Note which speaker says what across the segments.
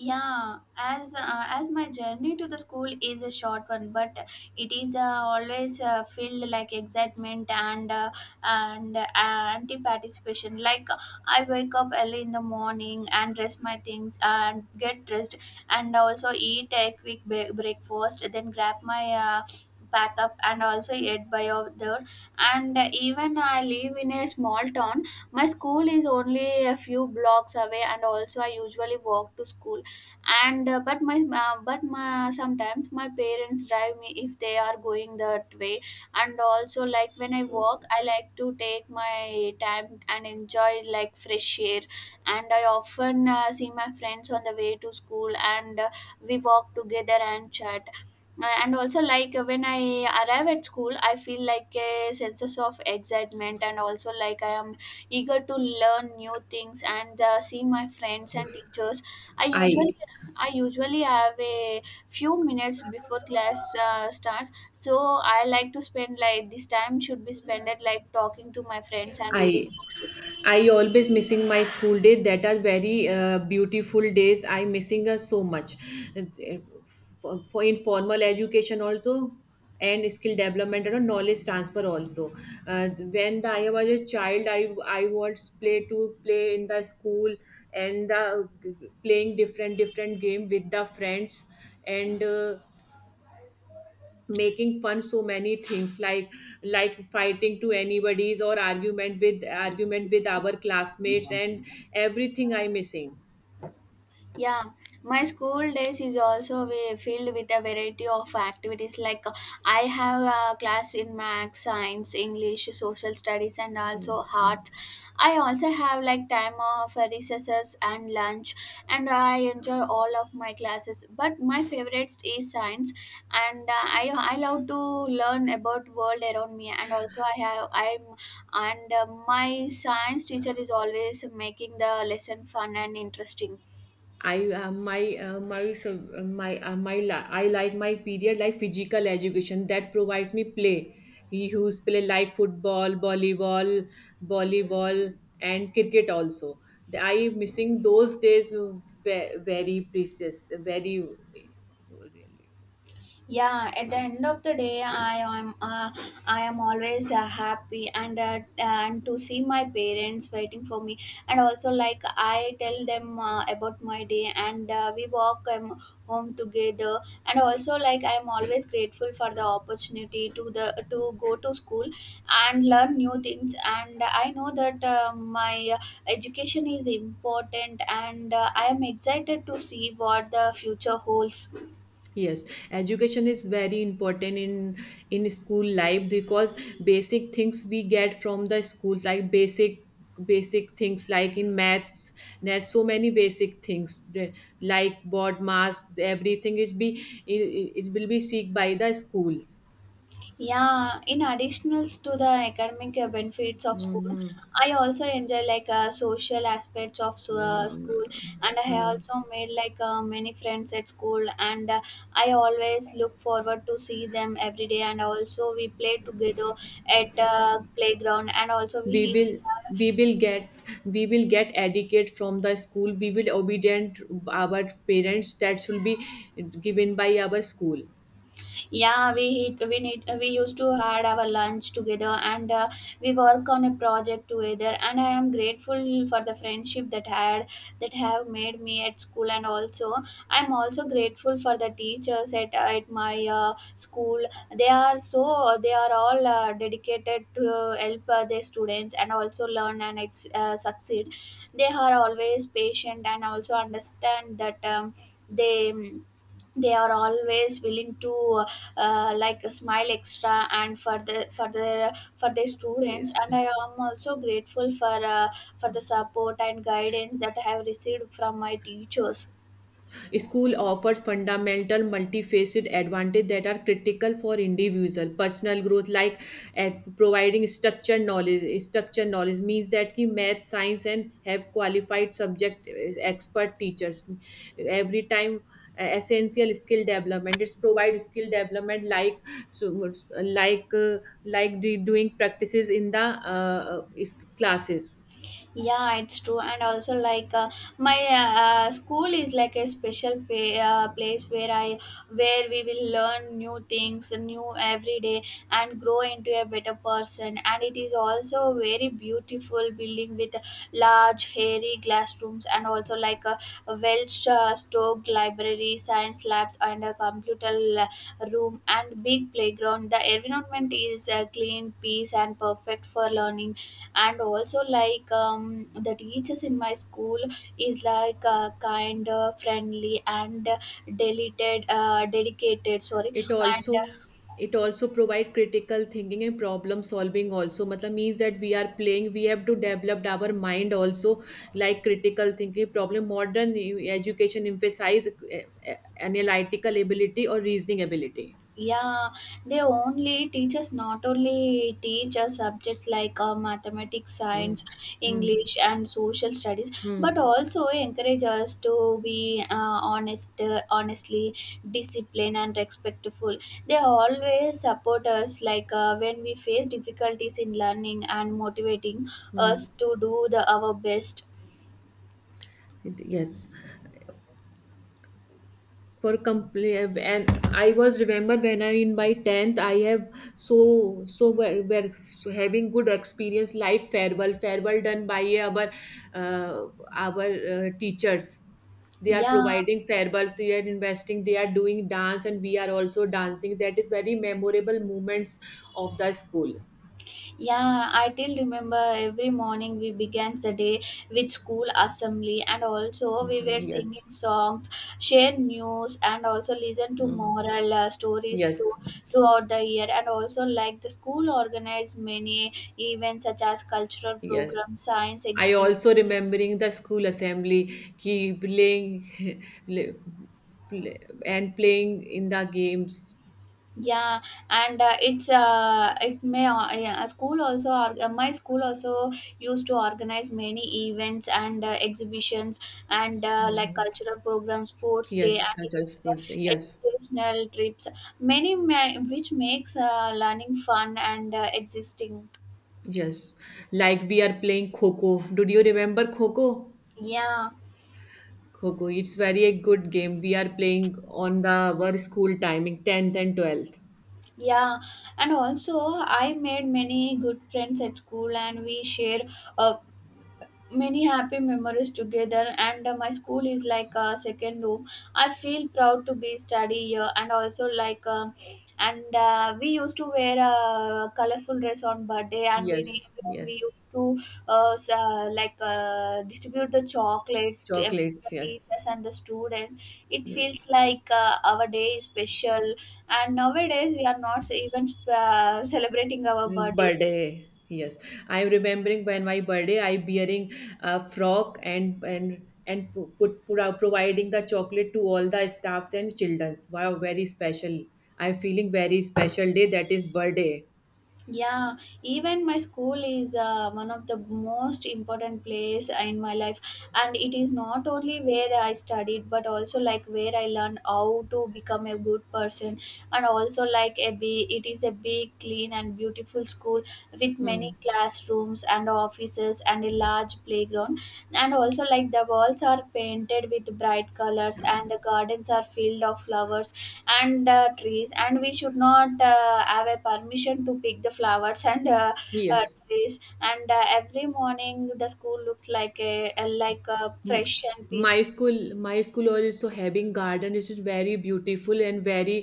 Speaker 1: Yeah, as my journey to the school is a short one, but it is always filled like excitement and anti participation. Like I wake up early in the morning and dress my things and get dressed and also eat a quick breakfast, then grab my. Pack up and also eat by over there and even I live in a small town my school is only a few blocks away and also I usually walk to school and but my sometimes my parents drive me if they are going that way and also like when I walk I like to take my time and enjoy like fresh air and I often see my friends on the way to school and we walk together and chat. And also like when I arrive at school I feel like a sense of excitement and also like I am eager to learn new things and see my friends and teachers. I usually
Speaker 2: I
Speaker 1: I usually have a few minutes before class starts, so I like to spend like this time should be spent at like talking to my friends and reading
Speaker 2: I
Speaker 1: books.
Speaker 2: I always missing my school days that are very beautiful days. I missing her so much. It's, uh, for in formal education also and skill development and knowledge transfer also. I was a child, I was play in the school playing different different game with the friends and. Making fun so many things like fighting to anybody's or argument with our classmates and everything I'm missing.
Speaker 1: Yeah, my school days is also filled with a variety of activities. Like I have a class in math, science, English, social studies, and
Speaker 2: Hmm.
Speaker 1: also arts. I also have like time of recesses and lunch, and I enjoy all of my classes. But my favorite is science, and I love to learn about world around me, and also I have I'm and my science teacher is always making the lesson fun and interesting.
Speaker 2: I my my so- my my li- I like my period like physical education that provides me play. He who's play like football, volleyball, volleyball, and cricket also. I am missing those days, very precious, very really.
Speaker 1: Yeah, at the end of the day I am always happy and to see my parents waiting for me and also like I tell them about my day and we walk home together. And also like I am always grateful for the opportunity to go to school and learn new things, and I know that my education is important, and I am excited to see what the future holds.
Speaker 2: Yes, education is very important in school life because basic things we get from the schools like basic things like in maths, net so many basic things, like board mass everything is be it will be seek by the schools.
Speaker 1: Yeah, in additionals to the academic benefits of school,
Speaker 2: Hmm.
Speaker 1: I also enjoy like social aspects of school, and I
Speaker 2: Hmm.
Speaker 1: also made like many friends at school, and I always look forward to see them every day. And also we play together at playground, and also we
Speaker 2: we
Speaker 1: eat.
Speaker 2: will we will get we will get educate from the school, we will obedient our parents that should be given by our school.
Speaker 1: Yeah, we hit- we need we used to had our lunch together, and we work on a project together, and I am grateful for the friendship that have made me at school. And also I'm also grateful for the teachers at my school. They are all dedicated to help their students and also learn and succeed. They are always patient and also understand that they they are always willing to like Smile Extra and for their students.
Speaker 2: is-
Speaker 1: And I am also grateful for the support and guidance that I have received from my teachers.
Speaker 2: School offers fundamental multifaceted advantages that are critical for individual personal growth, like at providing structured knowledge. Structured knowledge means that ki math, science, and have qualified subject is expert teachers. Every time essential skill development like so like doing practices in the classes.
Speaker 1: Yeah, it's true. And also like my school is like a special place where I where we will learn new things new every day and grow into a better person. And it is also a very beautiful building with large hairy classrooms and also like a well stocked library, science labs, and a computer room, and big playground. The environment is clean, peace, and perfect for learning. And also like the teachers in my school is like kind of friendly and deleted dedicated, sorry.
Speaker 2: it
Speaker 1: And
Speaker 2: also it also provide critical thinking and problem solving also, matlab means that we are playing, we have to develop our mind also like critical thinking problem. Modern education emphasize analytical ability or reasoning ability.
Speaker 1: yeah, they only teachers not only teach us subjects like mathematics,
Speaker 2: Hmm.
Speaker 1: science,
Speaker 2: Hmm.
Speaker 1: English, and social studies, but
Speaker 2: Hmm.
Speaker 1: also encourage us to be honest, honestly, disciplined, and respectful. They always support us like when we face difficulties in learning and motivating us
Speaker 2: Hmm.
Speaker 1: to do the our best.
Speaker 2: Yes, for complete. And I was remember when I in my 10th I have were so having good experience like farewell done by our uh, our teachers. They are
Speaker 1: Yeah,
Speaker 2: providing farewells, they are investing, they are doing dance and we are also dancing. That is very memorable moments of the school.
Speaker 1: Yeah, I till remember every morning we began the day with school assembly, and also we were
Speaker 2: Mhm. Yes.
Speaker 1: singing songs, share news, and also listen to
Speaker 2: Mm.
Speaker 1: moral stories to,
Speaker 2: Yes.
Speaker 1: throughout the year. And also like the school organized many events such as cultural programs,
Speaker 2: Yes.
Speaker 1: science
Speaker 2: I
Speaker 1: exhibitions.
Speaker 2: also remembering the school assembly, ki playing play, play- and playing in the games.
Speaker 1: Yeah, and it's it may yeah, a school also or my school also used to organize many events and exhibitions and like
Speaker 2: Mhm.
Speaker 1: cultural programs, sports day,
Speaker 2: Yes,
Speaker 1: and it
Speaker 2: cultural
Speaker 1: is,
Speaker 2: sports. Yes,
Speaker 1: educational trips. Which makes learning fun and existing.
Speaker 2: yes. Like we are playing Kho-Kho. Did you remember Kho-Kho?
Speaker 1: Yeah,
Speaker 2: Kho-Kho. It's very a good game. We are playing on the our school timing, 10th and 12th.
Speaker 1: yeah, and also I made many good friends at school, and we share uh, many happy memories together. And my school is like a second home. I feel proud to be study here. And also like and we used to wear a colorful dress on birthday, and
Speaker 2: Yes,
Speaker 1: we
Speaker 2: yes.
Speaker 1: used to like distribute the chocolates to the
Speaker 2: Chocolates. Yes,
Speaker 1: teachers and the students. It feels
Speaker 2: yes.
Speaker 1: like our day is special. And nowadays we are not even celebrating our birthdays.
Speaker 2: Birthday, yes. I'm remembering when my birthday, I wearing a frock and put out providing the chocolate to all the staffs and childrens. Wow, very special. I'm feeling very special day. That is birthday.
Speaker 1: Yeah, even my school is one of the most important place in my life, and it is not only where I studied but also like where I learned how to become a good person. And also like a big, it is a big, clean and beautiful school with
Speaker 2: Hmm.
Speaker 1: many classrooms and offices and a large playground. And also like the walls are painted with bright colors, and the gardens are filled of flowers and trees. And we should not have a permission to pick the flowers and
Speaker 2: Yes.
Speaker 1: trees. And every morning the school looks like a
Speaker 2: M-
Speaker 1: fresh and peaceful.
Speaker 2: my school also having garden. It is very beautiful and very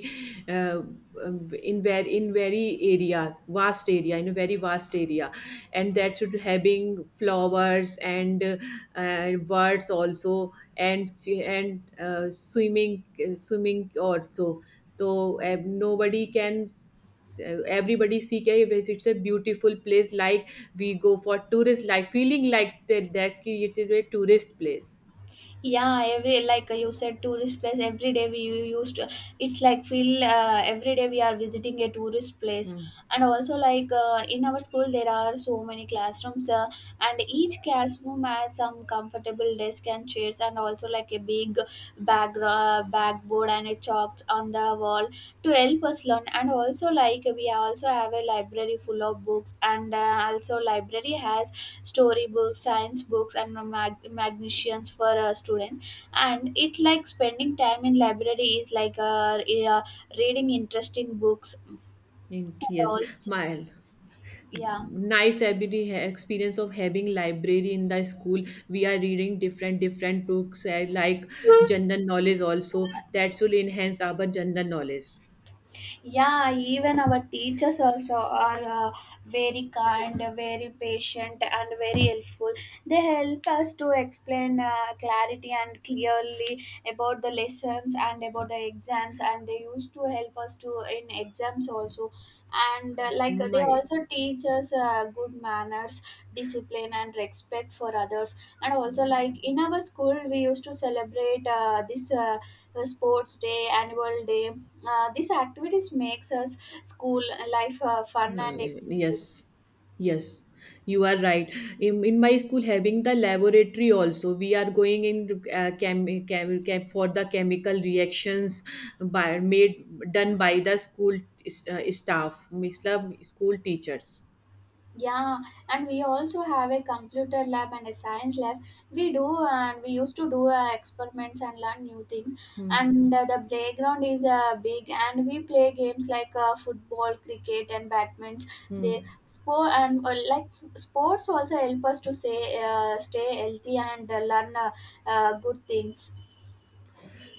Speaker 2: uh, in a very vast area, and that should having flowers and birds also, and and uh, swimming swimming also. So nobody can everybody see कि it's a beautiful place like we go for tourist, like feeling like that, that ki it is a tourist place.
Speaker 1: Yeah, every like you said tourist place every day used to, it's like feel every day we are visiting a tourist place.
Speaker 2: Hmm.
Speaker 1: And also like in our school there are so many classrooms and each classroom has some comfortable desk and chairs, and also like a big bag backboard and a chalks on the wall to help us learn. And also like we also have a library full of books, and also library has storybooks, science books, and magnesians for students. And it like spending time in library is like reading interesting books, and
Speaker 2: Yes,
Speaker 1: also.
Speaker 2: my
Speaker 1: yeah
Speaker 2: nice experience of having library in the school. We are reading different different books, like general knowledge also, that will enhance our general knowledge.
Speaker 1: yeah, even our teachers also are very kind, very patient, and very helpful. They help us to explain clarity and clearly about the lessons and about the exams, and they used to help us to in exams also. And like they
Speaker 2: My
Speaker 1: also teach us good manners, discipline, and respect for others. And also like in our school we used to celebrate this sports day, annual day. These activities makes us school life fun
Speaker 2: Uh,
Speaker 1: and existing.
Speaker 2: Yes, yes, you are right. In my school, having the laboratory also, we are going in chem for the chemical reactions by made done by the school, staff, means the school teachers.
Speaker 1: Yeah, and we also have a computer lab and a science lab. We do and we used to do experiments and learn new things.
Speaker 2: Hmm.
Speaker 1: And the playground is big, and we play games like football, cricket, and badminton there.
Speaker 2: Hmm.
Speaker 1: Sport and like sports also help us to say stay healthy and learn good things.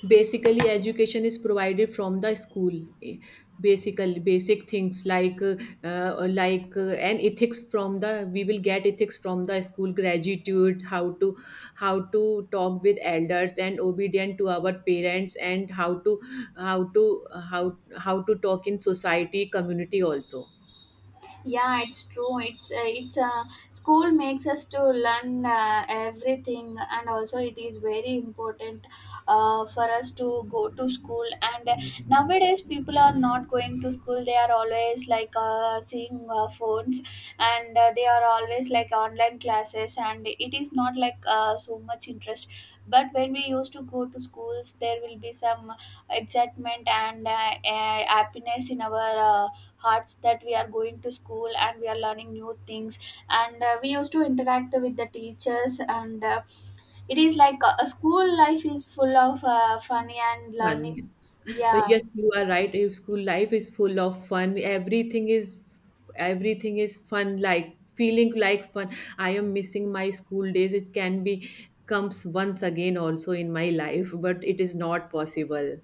Speaker 2: Basically education is provided from the school. eh, Basically basic things like and ethics from the, we will get ethics from the school, gratitude, how to talk with elders and obedient to our parents, and how to how to how to talk in society community also.
Speaker 1: Yeah, it's true. It's School makes us to learn everything, and also it is very important for us to go to school. And nowadays people are not going to school. They are always like seeing phones, and they are always like online classes, and it is not like so much interest. But when we used to go to schools there will be some excitement and happiness in our hearts that we are going to school and we are learning new things. And we used to interact with the teachers. And it is like a school life is full of funny and
Speaker 2: Fun,
Speaker 1: learning.
Speaker 2: yes. But
Speaker 1: Yeah.
Speaker 2: yes, you are right. If school life is full of fun, everything is fun, like feeling like fun. I am missing my school days. It can be comes once again also in my life, but it is not possible.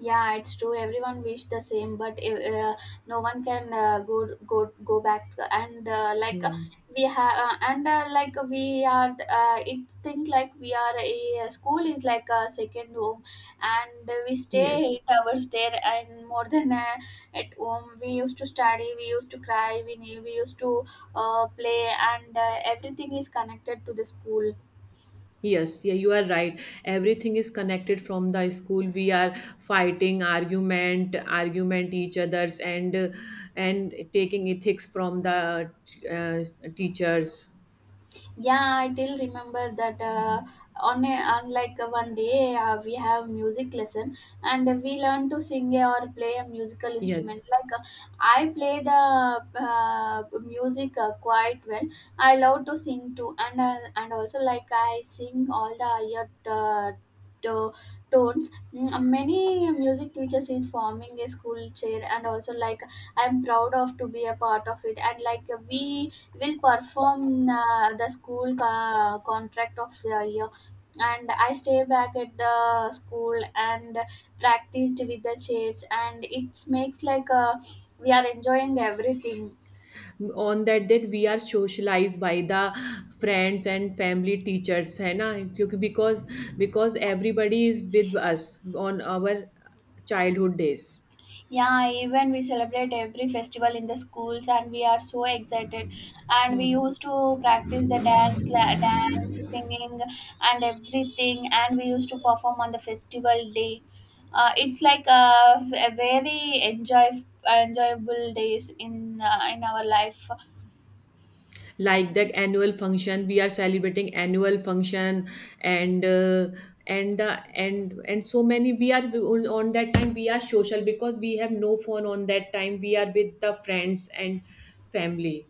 Speaker 1: Yeah, it's true. Everyone wish the same, but no one can go back. And
Speaker 2: Hmm.
Speaker 1: we have, and like we are, it's think like we are a school is like a second home, and we stay
Speaker 2: Yes.
Speaker 1: 8 hours there and more than at home. We used to study, we used to cry, we knew, we used to play, and everything is connected to the school.
Speaker 2: Yes, yeah, you are right. Everything is connected from the school. We are fighting, argument each others, and taking ethics from the uh, teachers.
Speaker 1: Yeah, I still remember that on a, on like one day we have music lesson and we learn to sing or play a musical instrument.
Speaker 2: Yes.
Speaker 1: Like I play the music quite well. I love to sing too, and also like I sing all the higher to- tones. Many music teachers is forming a school chair, and also like I'm proud of to be a part of it. And like we will perform the school contract of the year, and I stay back at the school and practiced with the chairs, and it makes like we are enjoying everything.
Speaker 2: On that date we are socialized by the friends and family teachers है ना क्योंकि because everybody is with us on our childhood days.
Speaker 1: Yeah, even we celebrate every festival in the schools, and we are so excited, and we
Speaker 2: Hmm.
Speaker 1: used to practice the dance singing and everything, and we used to perform on the festival day. Uh, it's like a very enjoyable days in our life.
Speaker 2: Like the annual function, we are celebrating annual function, and uh, and the and so many we are. On that time we are social because we have no phone. On that time we are with the friends and family.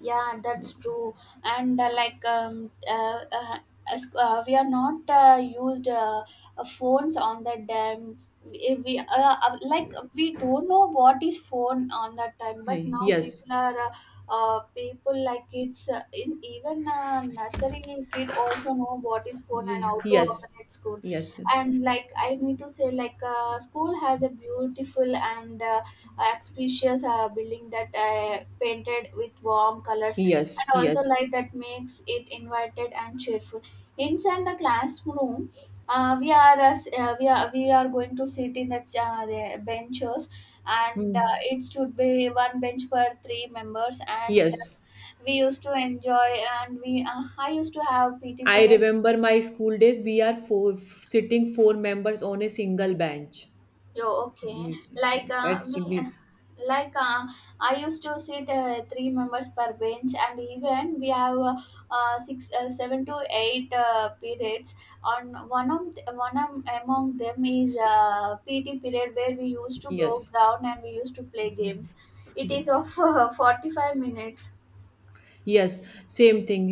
Speaker 1: Yeah, that's true. And we are not used phones on that time. We like we don't know what is phone on that time, but now
Speaker 2: Yes.
Speaker 1: people are people like kids in even nursery kid also know what is phone and
Speaker 2: Y-
Speaker 1: how to
Speaker 2: yes.
Speaker 1: operate school.
Speaker 2: Yes.
Speaker 1: And like I need to say like school has a beautiful and auspicious building that painted with warm colors and
Speaker 2: Yes,
Speaker 1: also
Speaker 2: yes.
Speaker 1: light that makes it invited and cheerful. Inside the classroom, we are we are we are going to sit in the benches, and
Speaker 2: Hmm.
Speaker 1: it should be one bench per 3 members, and
Speaker 2: Yes.
Speaker 1: we used to enjoy, and we I used to have PT
Speaker 2: I
Speaker 1: period.
Speaker 2: remember my school days. We are four sitting, four members on a single bench.
Speaker 1: Yo, okay.
Speaker 2: We-
Speaker 1: Like
Speaker 2: That
Speaker 1: we,
Speaker 2: should be
Speaker 1: like I used to sit 3 members per bench, and even we have six, seven to eight periods. On one am- among them is
Speaker 2: six.
Speaker 1: PT period, where we used to grow
Speaker 2: Yes,
Speaker 1: ground and we used to play games. It is
Speaker 2: yes,
Speaker 1: of 45 minutes.
Speaker 2: yes. Same thing.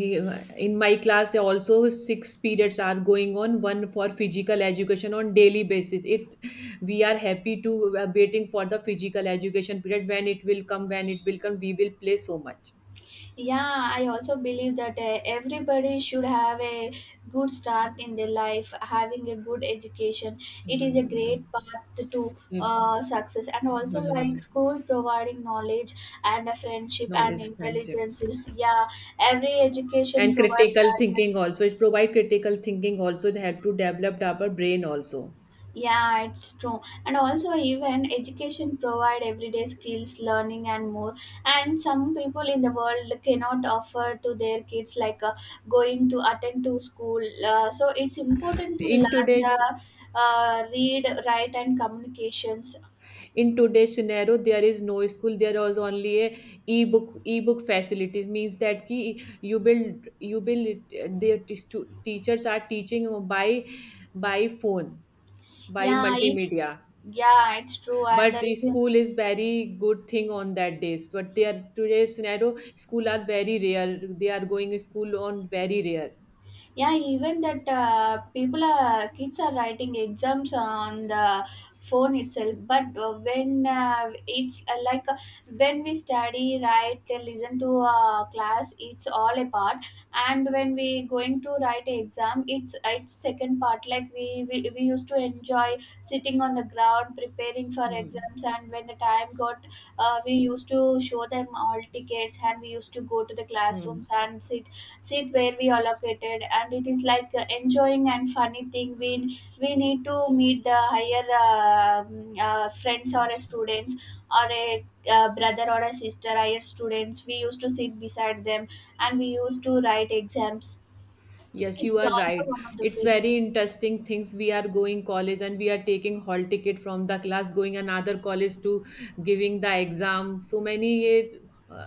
Speaker 2: In my class, also six periods are going on. One for physical education on daily basis. It. We are happy to waiting for the physical education period when it will come. When it will come, we will play so much.
Speaker 1: Yeah, I also believe that everybody should have a good start in their life. Having a good education, it is a great path to success. And also, like, school providing knowledge and a friendship and
Speaker 2: Knowledge, friendship,
Speaker 1: intelligence. Yeah, every education
Speaker 2: and
Speaker 1: provides.
Speaker 2: critical thinking also, it provide critical thinking also to help to develop our brain also.
Speaker 1: Yeah, it's true. And also, even education provide everyday skills, learning and more. And some people in the world cannot offer to their kids like going to attend to school. So it's important to
Speaker 2: in
Speaker 1: learn
Speaker 2: today's
Speaker 1: the read, write and communications.
Speaker 2: in today's scenario there is no school, there was only a e-book facilities, means that ki you build their teachers are teaching by phone, by
Speaker 1: Yeah, I-
Speaker 2: multimedia.
Speaker 1: yeah, it's true. And
Speaker 2: But the
Speaker 1: the,
Speaker 2: school is very good thing on that days, but they are today's scenario, school are very rare, they are going to school on very rare.
Speaker 1: yeah, even that people are kids are writing exams on the phone itself. But when it's like when we study, write, listen to a class, it's all a part. And when we going to write a exam, it's second part. Like we used to enjoy sitting on the ground preparing for
Speaker 2: Hmm.
Speaker 1: exams. And when the time got, we used to show them all tickets, and we used to go to the
Speaker 2: Hmm.
Speaker 1: classrooms and sit where we allocated, and it is like enjoying and funny thing. We need to meet the higher friends or
Speaker 2: Yes,
Speaker 1: a students or a brother or a sister, higher students. We used to sit beside them, and we used to write exams.
Speaker 2: yes,
Speaker 1: It
Speaker 2: you
Speaker 1: is
Speaker 2: are right.
Speaker 1: also one of the
Speaker 2: It's
Speaker 1: feeling.
Speaker 2: very interesting things. We are going college and we are taking hall ticket from the class, going another college to giving the exam. So many uh,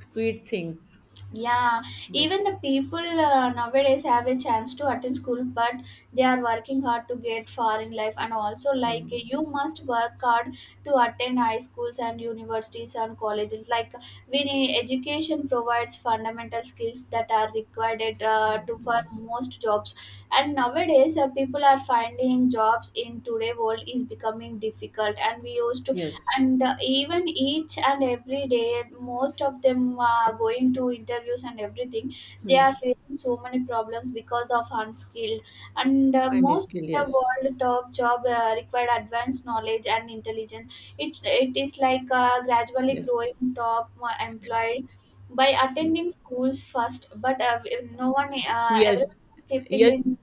Speaker 2: sweet things.
Speaker 1: Yeah,
Speaker 2: But.
Speaker 1: even the people nowadays have a chance to attend school, but they are working hard to get far in life. And also, like,
Speaker 2: Hmm.
Speaker 1: you must work hard to attend high schools and universities and colleges. Like, we need education provides fundamental skills that are required
Speaker 2: Hmm.
Speaker 1: to for
Speaker 2: Hmm.
Speaker 1: most jobs. And nowadays, people are finding jobs in today world is becoming difficult. And we used to,
Speaker 2: Yes,
Speaker 1: and even each and every day, most of them are going to interviews and everything. They
Speaker 2: yeah.
Speaker 1: are facing so many problems because of unskilled, and
Speaker 2: And
Speaker 1: most
Speaker 2: skill.
Speaker 1: of the
Speaker 2: Yes,
Speaker 1: world top job required advanced knowledge and intelligence. It is like gradually
Speaker 2: yes.
Speaker 1: growing top employed by attending schools first. But no one everyone
Speaker 2: Yes,
Speaker 1: is skipping
Speaker 2: yes,
Speaker 1: in.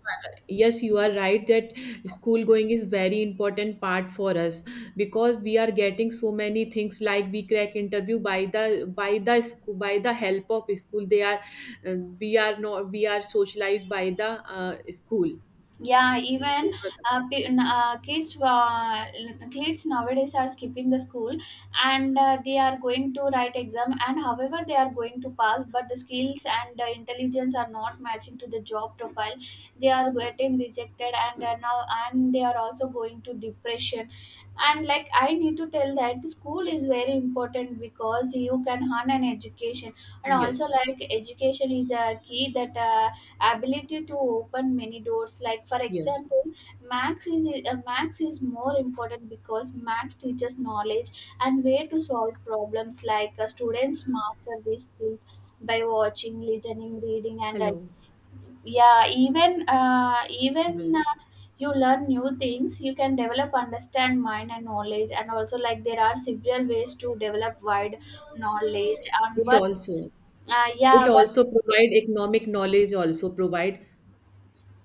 Speaker 2: yes, you are right that school going is very important part for us, because we are getting so many things like we crack interview by the school, by the help of school. They are uh, we are not we are socialized by the school.
Speaker 1: Yeah, even kids, kids nowadays are skipping the school, and they are going to write exam. And however, they are going to pass, but the skills and intelligence are not matching to the job profile. They are getting rejected, and they are now, and they are also going to depression. And like, I need to tell that school is very important because you can earn an education, and also
Speaker 2: Yes,
Speaker 1: like education is a key that. Ability to open many doors, like, for
Speaker 2: yes.
Speaker 1: example, max is more important because max teaches knowledge and way to solve problems. Like, students master these skills by watching, listening, reading and writing.
Speaker 2: Hello.
Speaker 1: Yeah, even
Speaker 2: Right.
Speaker 1: you learn new things. You can develop understand mind and knowledge. And also like, there are several ways to develop wide knowledge and
Speaker 2: It
Speaker 1: what
Speaker 2: also
Speaker 1: yeah one.
Speaker 2: provide economic knowledge also provide.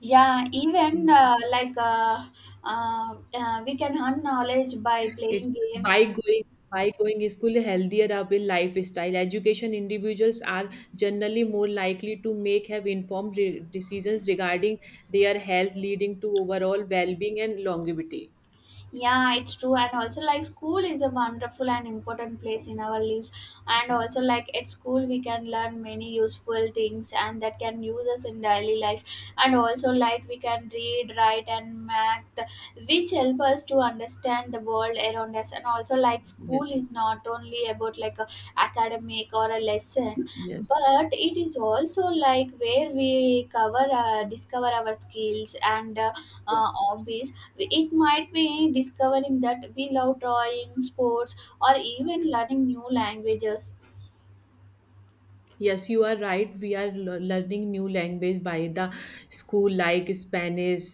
Speaker 1: Yeah, even we can earn knowledge by
Speaker 2: It's
Speaker 1: playing games.
Speaker 2: by going school, healthier are will lifestyle. Education individuals are generally more likely to make have informed decisions regarding their health, leading to overall well-being and longevity.
Speaker 1: Yeah, it's true. And also, like, school is a wonderful and important place in our lives. And also, like, at school, we can learn many useful things, and that can use us in daily life. And also, like, we can read, write, and math, which help us to understand the world around us. And also, like,
Speaker 2: Yes,
Speaker 1: school is not only about like a academic or a lesson,
Speaker 2: yes,
Speaker 1: but it is also like where we cover, discover our skills and
Speaker 2: yes.
Speaker 1: hobbies. It might be discovering that we love drawing, sports, or even learning new languages.
Speaker 2: Yes, you are right. We are learning new language by the school, like Spanish.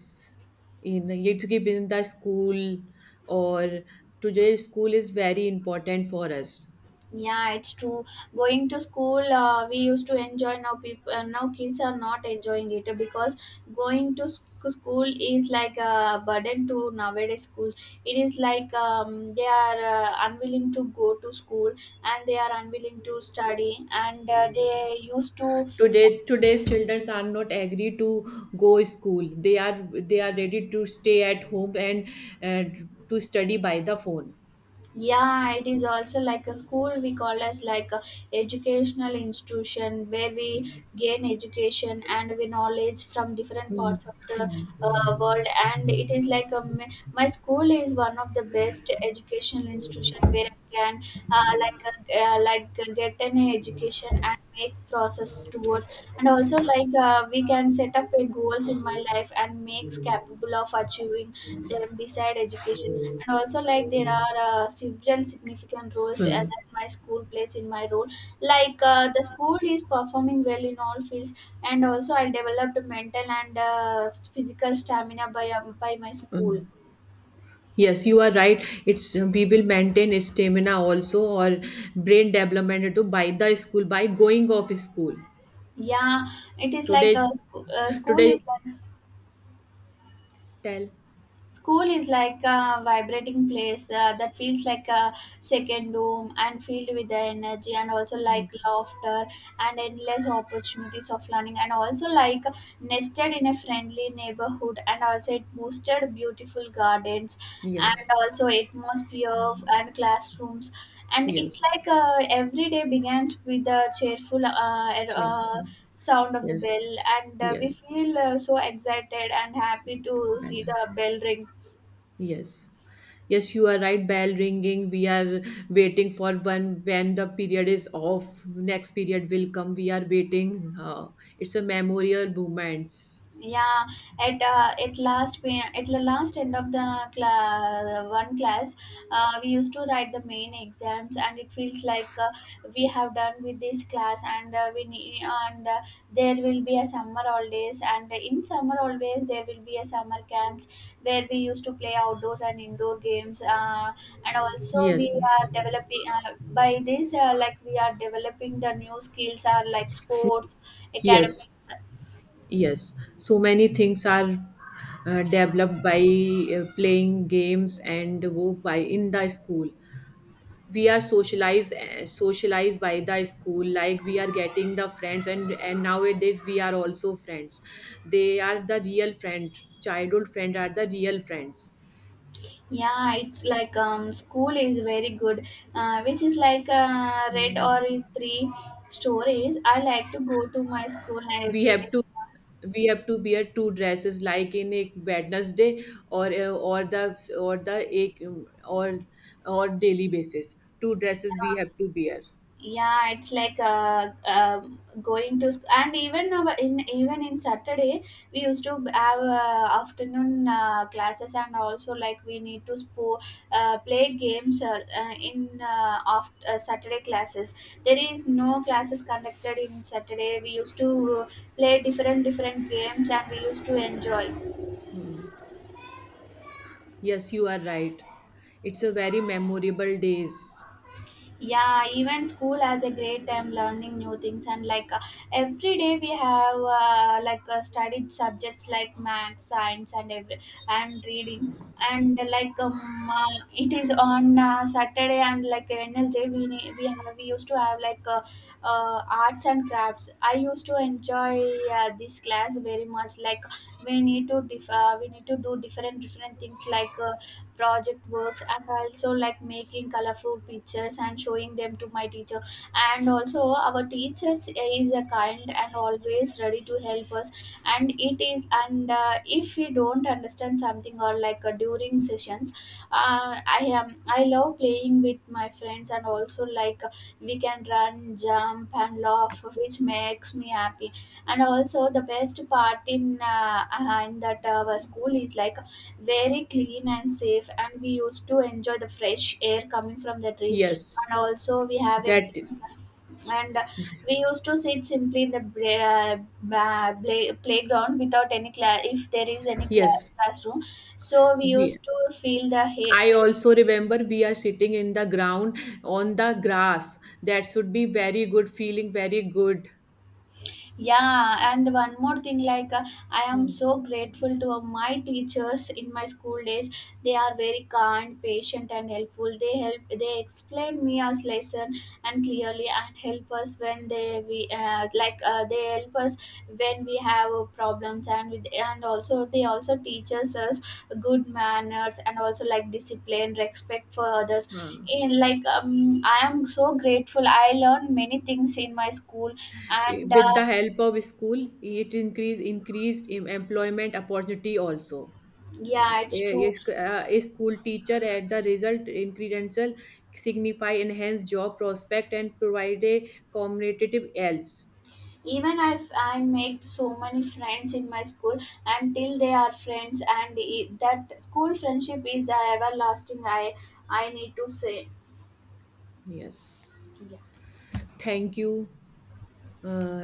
Speaker 2: In it's given in the school, or today school is very important for us.
Speaker 1: Yeah, it's true. Going to school, we used to enjoy. Now people, now kids are not enjoying it because going to school is like a burden to nowadays school. It is like they are unwilling to go to school, and they are unwilling to study, and they used to.
Speaker 2: Today's children are not agree to go school, they are ready to stay at home and uh, to study by the phone.
Speaker 1: Yeah, it is also like, a school we call as like a educational institution where we gain education and we knowledge from different
Speaker 2: Hmm.
Speaker 1: parts of the world. And it is like my school is one of the best educational institution where I can get an education and make process towards. And also like we can set up a goals in my life and makes capable of achieving them beside education. And also like, there are several significant roles
Speaker 2: Hmm.
Speaker 1: that my school plays in my role. Like the school is performing well in all fields, and also I developed mental and physical stamina by my school.
Speaker 2: Hmm. Yes, you are right. It's we will maintain stamina also, or brain development to by the school, by going of school.
Speaker 1: Yeah, it is like
Speaker 2: Today,
Speaker 1: school
Speaker 2: today
Speaker 1: is like,
Speaker 2: Tell.
Speaker 1: school is like a vibrating place that feels like a second home and filled with the energy and also
Speaker 2: Hmm.
Speaker 1: like laughter and endless opportunities of learning. And also like, nested in a friendly neighborhood, and also it boosted beautiful gardens and
Speaker 2: Yes,
Speaker 1: also atmosphere and classrooms. And
Speaker 2: yes,
Speaker 1: it's like every day begins with a cheerful
Speaker 2: cheerful.
Speaker 1: sound of the
Speaker 2: Yes,
Speaker 1: bell, and we
Speaker 2: yes.
Speaker 1: feel so excited and happy to
Speaker 2: Well.
Speaker 1: see the bell ring.
Speaker 2: Yes. Yes, you are right. Bell ringing. We are waiting for one when the period is off. Next period will come. We are waiting. It's a memorial moments.
Speaker 1: Yeah, at last, we at the last end of the class, one class, we used to write the main exams, and it feels like we have done with this class, and there will be a summer holidays, and in summer always there will be a summer camps where we used to play outdoors and indoor games, and also we
Speaker 2: Yes.
Speaker 1: are developing by this like we are developing the new skills are like sports, academics.
Speaker 2: Yes. Yes. So many things are developed by playing games and wo by in the school. We are socialized, socialized by the school, like we are getting the friends. And nowadays we are also friends, they are the real friends, childhood friends are the real friends.
Speaker 1: Yeah, it's like school is very good, which is like red or three stories. I like to go to my school
Speaker 2: we
Speaker 1: every
Speaker 2: have
Speaker 1: day.
Speaker 2: to we have to wear two dresses like in a Wednesday, or eh, or the ek, or or daily basis two dresses we
Speaker 1: Yeah.
Speaker 2: have to wear.
Speaker 1: Yeah, it's like going to and even in even in saturday, we used to have afternoon classes. And also like, we need to play games in off saturday classes. There is no classes conducted in saturday. We used to play different different games, and we used to enjoy.
Speaker 2: Hmm. Yes, you are right, it's a very memorable days.
Speaker 1: Yeah, even school has a great time learning new things. And like every day we have studied subjects like math, science and every and reading. And it is on saturday, and like wednesday we have we used to have like arts and crafts. I used to enjoy this class very much. Like, we need to we need to do different different things like project works. And also like, making colorful pictures and showing them to my teacher. And also our teachers is a kind and always ready to help us. And it is, and if we don't understand something or like during sessions, I love playing with my friends. And also like we can run, jump and laugh, which makes me happy. And also the best part in that our school is like very clean and safe, and we used to enjoy the fresh air coming from the trees.
Speaker 2: Yes,
Speaker 1: And also we have a
Speaker 2: that,
Speaker 1: big-, and we used to sit simply in the playground without any class. If there is any
Speaker 2: yes.
Speaker 1: classroom, so we
Speaker 2: We,
Speaker 1: used to feel the
Speaker 2: I
Speaker 1: fresh.
Speaker 2: also remember we are sitting in the ground on the grass. That should be very good feeling, very good.
Speaker 1: Yeah, and one more thing, like I am
Speaker 2: Hmm.
Speaker 1: so grateful to my teachers in my school days. They are very kind, patient, and helpful. They help. They explain me as lesson and clearly, and help us when they help us when we have problems and with. And also they also teaches us good manners, and also like discipline, respect for others.
Speaker 2: Huh.
Speaker 1: In like I am so grateful. I learned many things in my school, and
Speaker 2: With the help of school, it increased employment opportunity also.
Speaker 1: yeah, it's true.
Speaker 2: A, a school teacher at the result in credential, signify enhanced job prospect and provide a competitive else.
Speaker 1: Even if I make so many friends in my school, until they are friends, that school friendship is everlasting. I need to say.
Speaker 2: Yes. Thank you. Uh,